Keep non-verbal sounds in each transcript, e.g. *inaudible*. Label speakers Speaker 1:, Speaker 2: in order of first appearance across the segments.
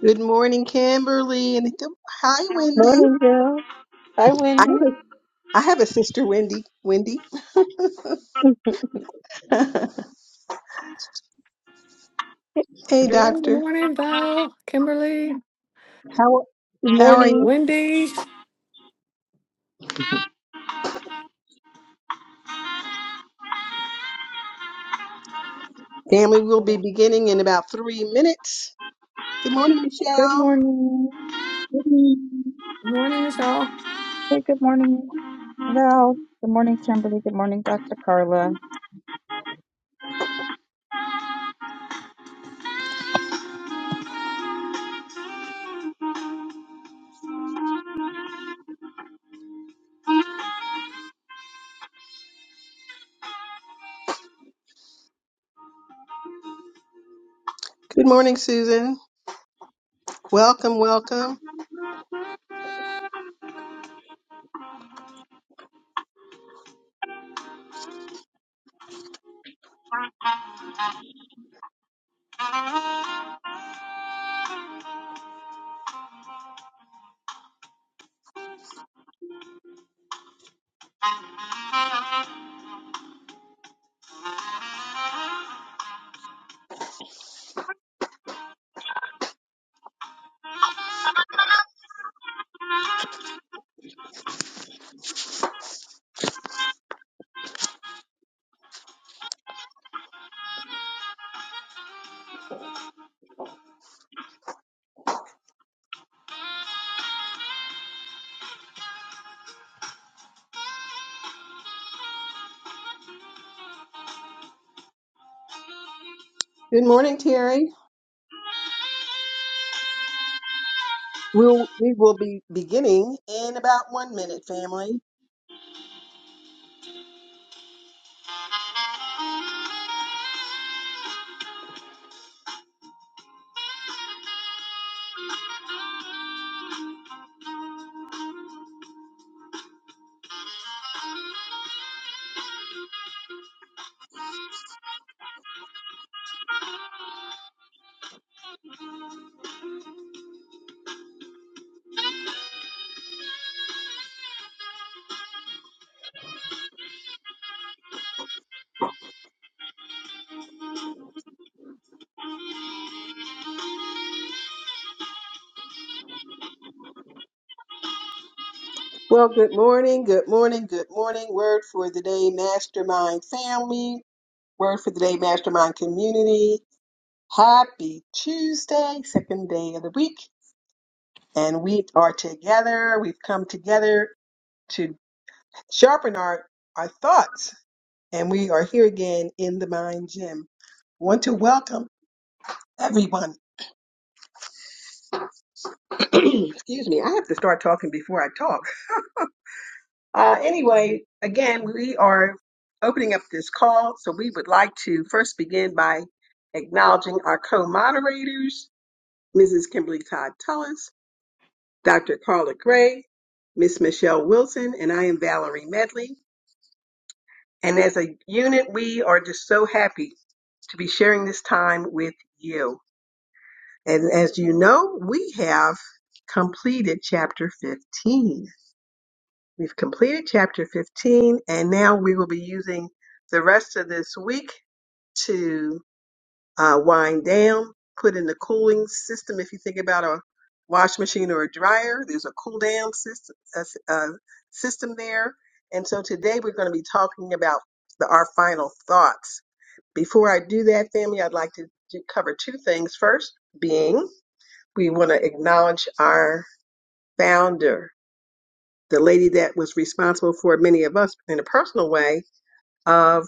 Speaker 1: Good morning, Kimberly, and good- hi, Wendy.
Speaker 2: Morning, Val. Hi,
Speaker 1: I have
Speaker 2: Wendy.
Speaker 1: a I have a sister, Wendy. Wendy. *laughs* hey,
Speaker 3: Good
Speaker 1: Doctor.
Speaker 3: morning, Val, Kimberly,
Speaker 1: How
Speaker 2: Good
Speaker 1: how are
Speaker 2: morning.
Speaker 1: you?
Speaker 3: Wendy.
Speaker 1: Family will be
Speaker 3: Good
Speaker 1: beginning in about three minutes. Good morning,
Speaker 4: Good
Speaker 1: Michelle.
Speaker 4: morning.
Speaker 1: Good morning,
Speaker 3: morning, Michelle.
Speaker 4: Hey, good morning, Val. Good morning, Kimberly. Good morning, Dr. Carla.
Speaker 1: Good morning, Susan. Welcome, welcome. Good morning, Terry. We'll, we will be beginning in about one minute, family. Well, good morning, good morning, good morning. Word for the day, Mastermind Family. Word for the day, Mastermind Community. Happy Tuesday, second day of the week. And we are together. We've come together to sharpen our, our thoughts and we are here again in the Mind Gym. Want to welcome everyone. *clears throat* Excuse me, I have to start talking before I talk. Uh, anyway, again, we are opening up this call, so we would like to first begin by acknowledging our co-moderators, Mrs. Kimberly Todd Tullis, Dr. Carla Gray, Miss Michelle Wilson, and I am Valerie Medley. And as a unit, we are just so happy to be sharing this time with you. And as you know, we have completed chapter 15. We've completed chapter 15, and now we will be using the rest of this week to uh, wind down, put in the cooling system. If you think about a wash machine or a dryer, there's a cool down system, uh, uh, system there. And so today we're going to be talking about the, our final thoughts. Before I do that, family, I'd like to do- cover two things. First, being we want to acknowledge our founder, the lady that was responsible for many of us in a personal way of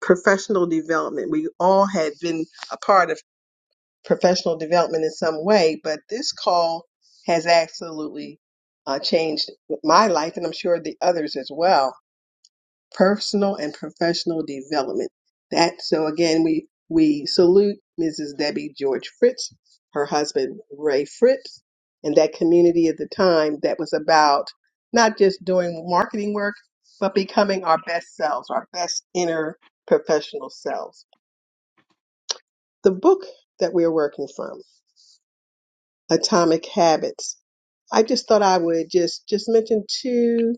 Speaker 1: professional development. We all had been a part of professional development in some way, but this call has absolutely uh, changed my life, and I'm sure the others as well personal and professional development. That so again we we salute Mrs. Debbie George Fritz, her husband Ray Fritz, and that community at the time that was about not just doing marketing work, but becoming our best selves, our best inner professional selves. The book that we're working from, Atomic Habits. I just thought I would just just mention two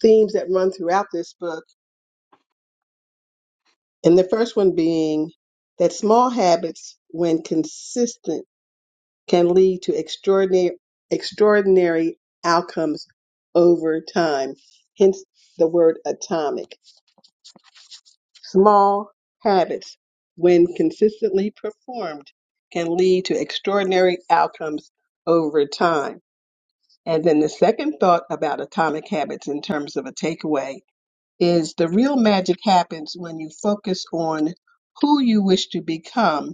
Speaker 1: themes that run throughout this book And the first one being that small habits, when consistent, can lead to extraordinary, extraordinary outcomes over time. Hence the word atomic. Small habits, when consistently performed, can lead to extraordinary outcomes over time. And then the second thought about atomic habits in terms of a takeaway is the real magic happens when you focus on who you wish to become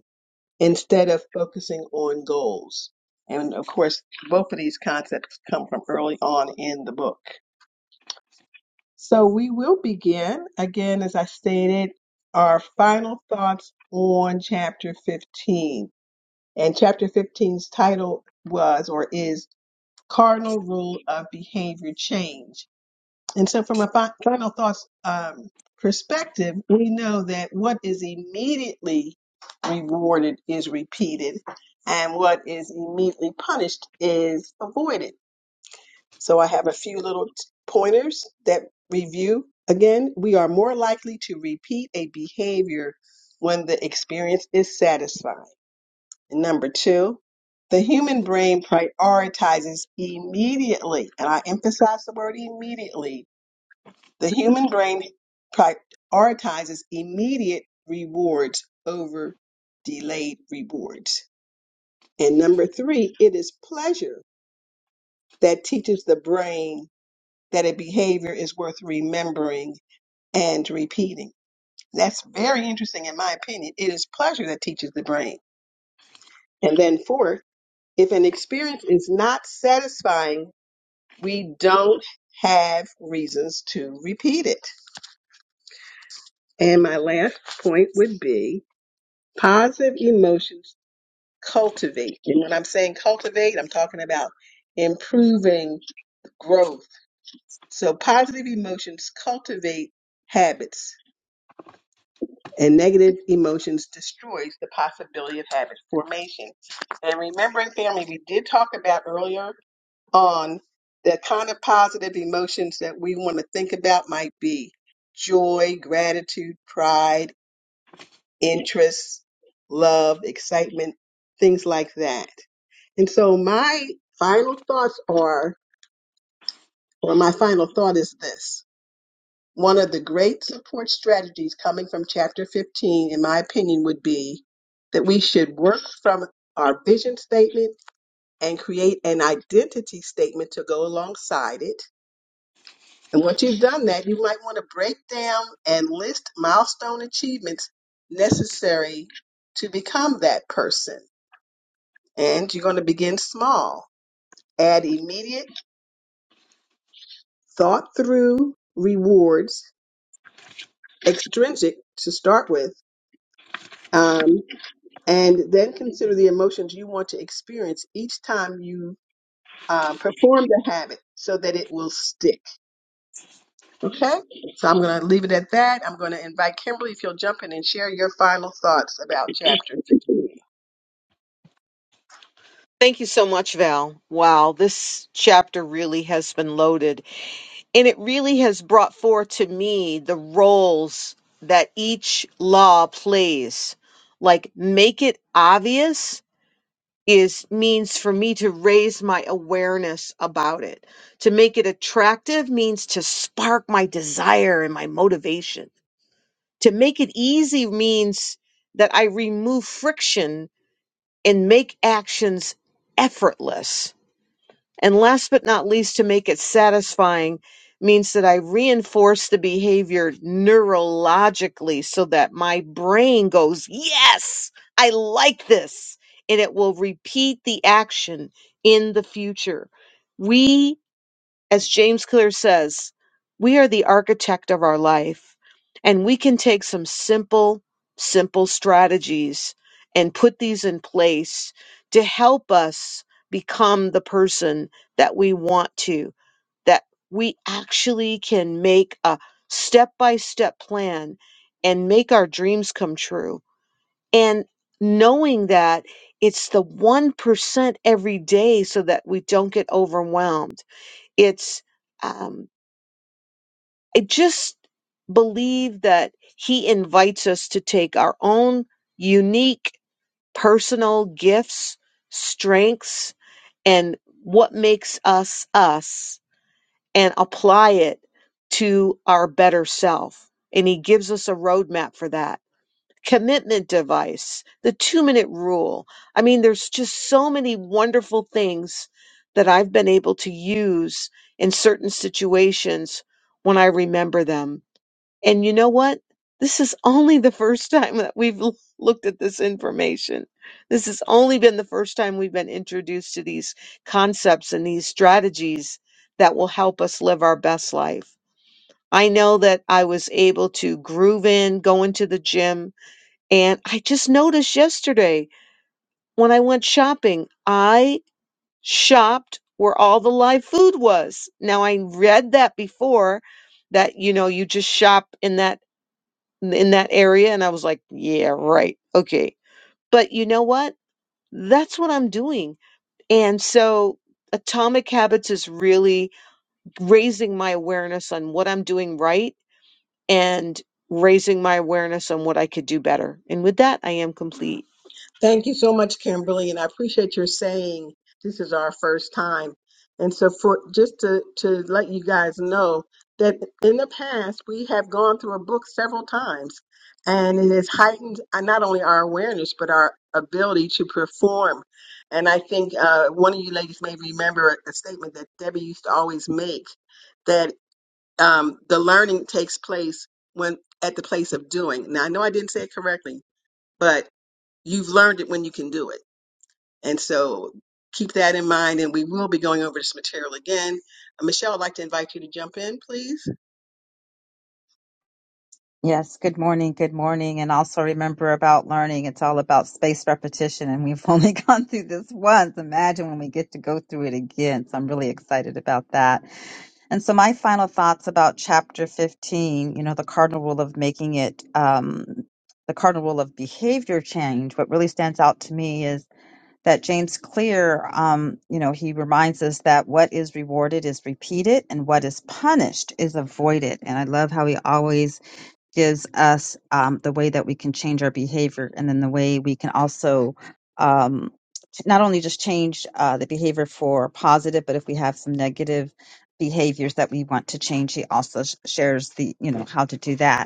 Speaker 1: instead of focusing on goals. And of course, both of these concepts come from early on in the book. So we will begin, again, as I stated, our final thoughts on chapter 15. And chapter 15's title was or is Cardinal Rule of Behavior Change. And so, from a fi- final thoughts um, perspective, we know that what is immediately rewarded is repeated, and what is immediately punished is avoided. So, I have a few little t- pointers that review. Again, we are more likely to repeat a behavior when the experience is satisfying. Number two, the human brain prioritizes immediately, and I emphasize the word immediately the human brain prioritizes immediate rewards over delayed rewards. And number three, it is pleasure that teaches the brain that a behavior is worth remembering and repeating. That's very interesting, in my opinion. It is pleasure that teaches the brain. And then, fourth, if an experience is not satisfying, we don't have reasons to repeat it. And my last point would be Positive emotions cultivate. And when I'm saying cultivate, I'm talking about improving growth. So positive emotions cultivate habits, and negative emotions destroys the possibility of habit formation. And remembering family, we did talk about earlier on the kind of positive emotions that we want to think about might be joy, gratitude, pride, interest, love, excitement, things like that. And so my final thoughts are, or my final thought is this. One of the great support strategies coming from chapter 15, in my opinion, would be that we should work from our vision statement and create an identity statement to go alongside it. And once you've done that, you might want to break down and list milestone achievements necessary to become that person. And you're going to begin small. Add immediate thought through rewards, extrinsic to start with, um, and then consider the emotions you want to experience each time you um, perform the habit so that it will stick. Okay? So I'm going to leave it at that. I'm going to invite Kimberly if you'll jump in and share your final thoughts about chapter 15.
Speaker 2: Thank you, Chevelle. Wow, this chapter really has been loaded, and it really has brought forth to me the roles that each law plays. Like, make it obvious is for me to raise my awareness about it. To make it attractive means to spark my desire and my motivation. To make it easy means that I remove friction and make actions effortless. And last but not least, to make it satisfying means that I reinforce the behavior neurologically so that my brain goes, Yes, I like this. And it will repeat the action in the future. We as James Clear says, we are the architect of our life, and we can take some simple, simple strategies and put these in place to help us become the person that we want to, that we actually can make a step by step plan and make our dreams come true. And knowing that it's the 1% every day so that we don't get overwhelmed it's um, i just believe that he invites us to take our own unique personal gifts strengths and what makes us us and apply it to our better self and he gives us a roadmap for that commitment device, the two minute rule. I mean, there's just so many wonderful things that I've been able to use in certain situations when I remember them. And you know what? This is only the first *laughs* time that we've l- looked at this information. This has only been the first time we've been introduced to these concepts and these strategies that will help us live our best life. I know that I was able to groove in, go into the gym, and I just noticed yesterday when I went shopping, I shopped where all the live food was. Now I read that before that you know you just shop in that in that area and I was like, yeah, right. Okay. But you know what? That's what I'm doing. And so Atomic Habits is really raising my awareness on what I'm doing right and raising my awareness on what I could do better. And with that, I am complete.
Speaker 1: Thank you so much, Kimberly, and I appreciate your saying this is our first time. And so for just to, to let you guys know that in the past we have gone through a book several times and it has heightened uh, not only our awareness but our ability to perform. And I think uh, one of you ladies may remember a a statement that Debbie used to always make that um, the learning takes place when at the place of doing. Now I know I didn't say it correctly, but you've learned it when you can do it. And so keep that in mind, and we will be going over this material again. Uh, Michelle, I'd like to invite you to jump in, please.
Speaker 4: Yes, good morning, good morning. And also remember about learning. It's all about spaced repetition, and we've *laughs* only gone through this once. Imagine when we get to go through it again. So I'm really excited about that. And so my final thoughts about chapter 15, you know, the cardinal rule of making it um, the cardinal rule of behavior change. What really stands out to me is that James Clear, um, you know, he reminds us that what is rewarded is repeated and what is punished is avoided. And I love how he always gives us um, the way that we can change our behavior and then the way we can also um, not only just change uh, the behavior for positive, but if we have some negative behaviors that we want to change, he also sh- shares the, you know, how to do that.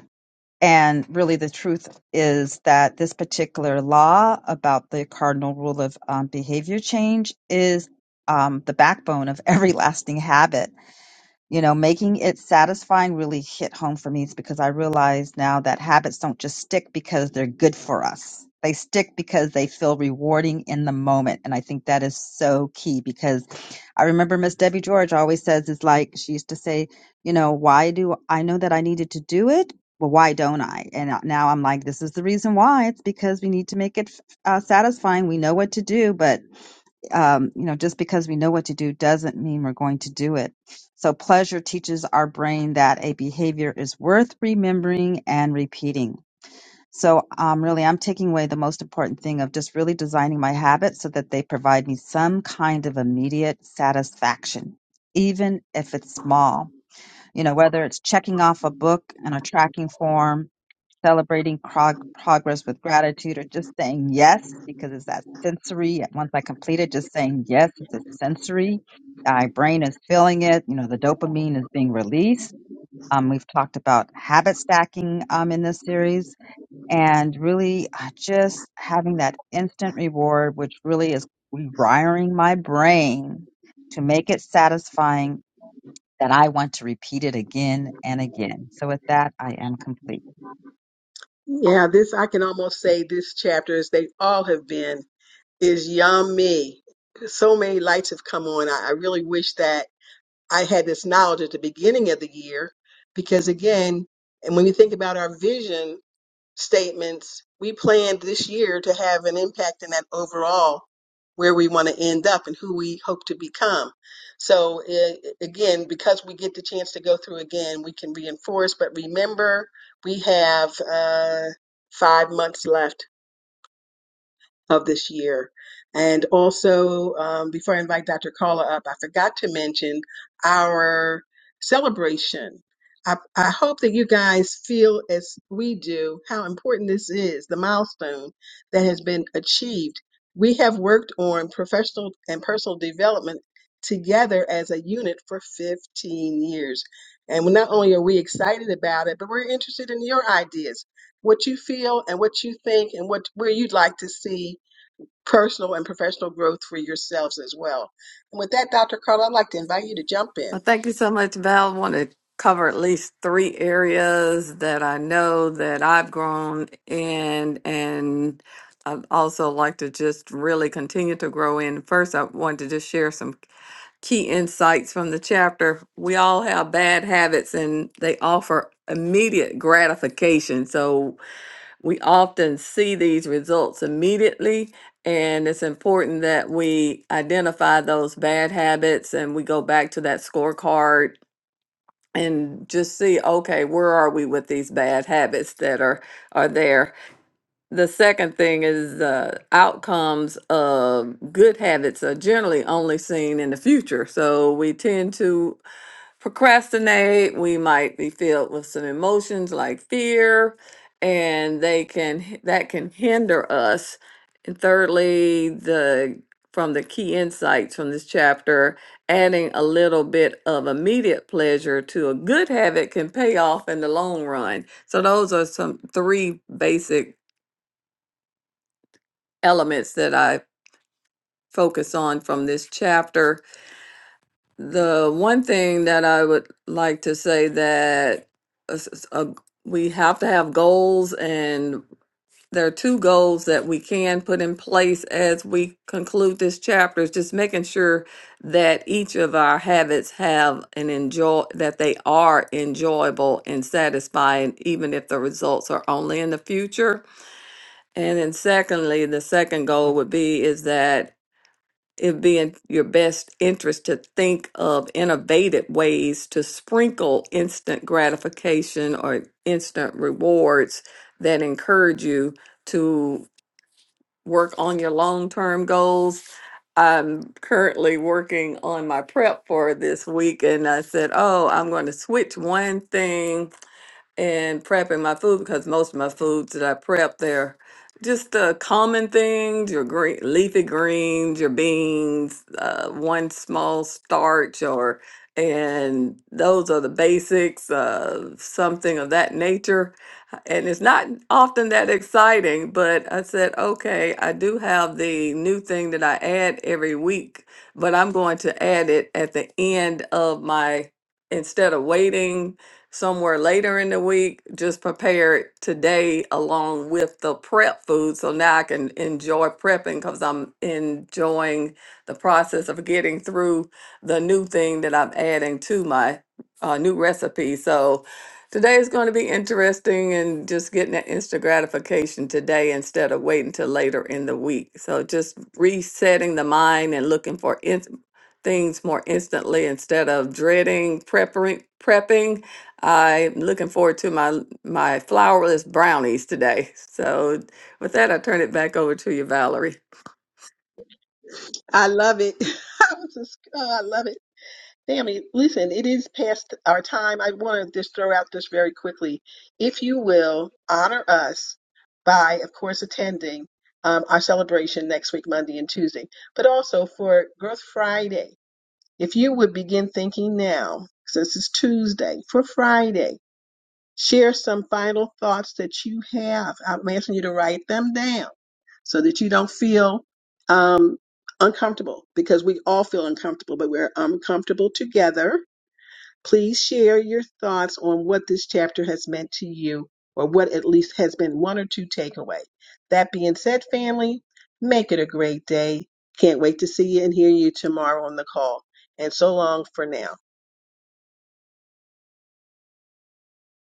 Speaker 4: And really, the truth is that this particular law about the cardinal rule of um, behavior change is um, the backbone of every *laughs* lasting habit you know, making it satisfying really hit home for me It's because I realize now that habits don't just stick because they're good for us. They stick because they feel rewarding in the moment. And I think that is so key because I remember Miss Debbie George always says, "It's like, she used to say, you know, why do I know that I needed to do it? Well, why don't I? And now I'm like, this is the reason why. It's because we need to make it uh, satisfying. We know what to do, but um, you know, just because we know what to do doesn't mean we're going to do it. So pleasure teaches our brain that a behavior is worth remembering and repeating. So um, really, I'm taking away the most important thing of just really designing my habits so that they provide me some kind of immediate satisfaction, even if it's small. You know, whether it's checking off a book in a tracking form celebrating prog- progress with gratitude or just saying yes because it's that sensory once i complete it just saying yes it's a sensory my brain is feeling it you know the dopamine is being released um, we've talked about habit stacking um, in this series and really uh, just having that instant reward which really is rewiring my brain to make it satisfying that i want to repeat it again and again so with that i am complete
Speaker 1: Yeah, this, I can almost say this chapter, as they all have been, is yummy. So many lights have come on. I, I really wish that I had this knowledge at the beginning of the year because, again, and when you think about our vision statements. We planned this year to have an impact in that overall where we want to end up and who we hope to become. So eh, again, because we get the chance to go through again, we can reinforce. But remember, we have uh, five months left of this year. And also, um, before I invite Dr. Carla up, I forgot to mention our celebration. I, I hope that you guys feel as we do how important this is, the milestone that has been achieved. We have worked on professional and personal development together as a unit for 15 years. And we- not only are we excited about it, but we're interested in your ideas, what you feel and what you think and what where you'd like to see personal and professional growth for yourselves as well. And with that, Dr. Carla, I'd like to invite you to jump in.
Speaker 3: Well, thank you so much, Val. want to cover at least three areas that I know that I've grown in, and I'd also like to just really continue to grow in. First, I wanted to just share some key insights from the chapter. We all have bad habits, and they offer immediate gratification. So we often see these results immediately and it's important that we identify those bad habits and we go back to that scorecard and just see okay where are we with these bad habits that are are there the second thing is uh, outcomes of good habits are generally only seen in the future. So we tend to procrastinate. We might be filled with some emotions like fear, and they can h- that can hinder us. And thirdly, the from the key insights from this chapter, adding a little bit of immediate pleasure to a good habit can pay off in the long run. So those are some three basic elements that I focus on from this chapter. The one thing that I would like to say that is- is, uh, we have to have goals, and there are two goals that we can put in place as we conclude this chapter. Is just making sure that each of our habits have an enjoy that they are enjoyable and satisfying, even if the results are only in the future. And then secondly, the second goal would be is that it be in your best interest to think of innovative ways to sprinkle instant gratification or instant rewards that encourage you to work on your long term goals. I'm currently working on my prep for this week, and I said, Oh, I'm going to switch one thing and prepping my food because most of my foods that I prep they're just uh, common things your green leafy greens your beans uh, one small starch or and those are the basics uh, something of that nature and it's not often that exciting but i said okay i do have the new thing that i add every week but i'm going to add it at the end of my instead of waiting somewhere later in the week. Just prepare it today along with the prep food. So now I can enjoy prepping because I'm enjoying the process of getting through the new thing that I'm adding to my uh, new recipe. So today is going to be interesting and just getting that instant gratification today instead of waiting till later in the week. So just resetting the mind and looking for in- things more instantly instead of dreading prepping, prepping I'm looking forward to my my flourless brownies today. So with that, I turn it back over to you, Valerie.
Speaker 1: I love it. *laughs* I was just, oh, I love it. Tammy, listen, it is past our time. I want to just throw out this very quickly. If you will honor us by, of course, attending um, our celebration next week, Monday and Tuesday, but also for Growth Friday, if you would begin thinking now, since it's Tuesday, for Friday. share some final thoughts that you have. I'm asking you to write them down so that you don't feel um, uncomfortable because we all feel uncomfortable, but we're uncomfortable together. Please share your thoughts on what this chapter has meant to you or what at least has been one or two takeaway. That being said, family, make it a great day. Can't wait to see you and hear you tomorrow on the call. And so long for now.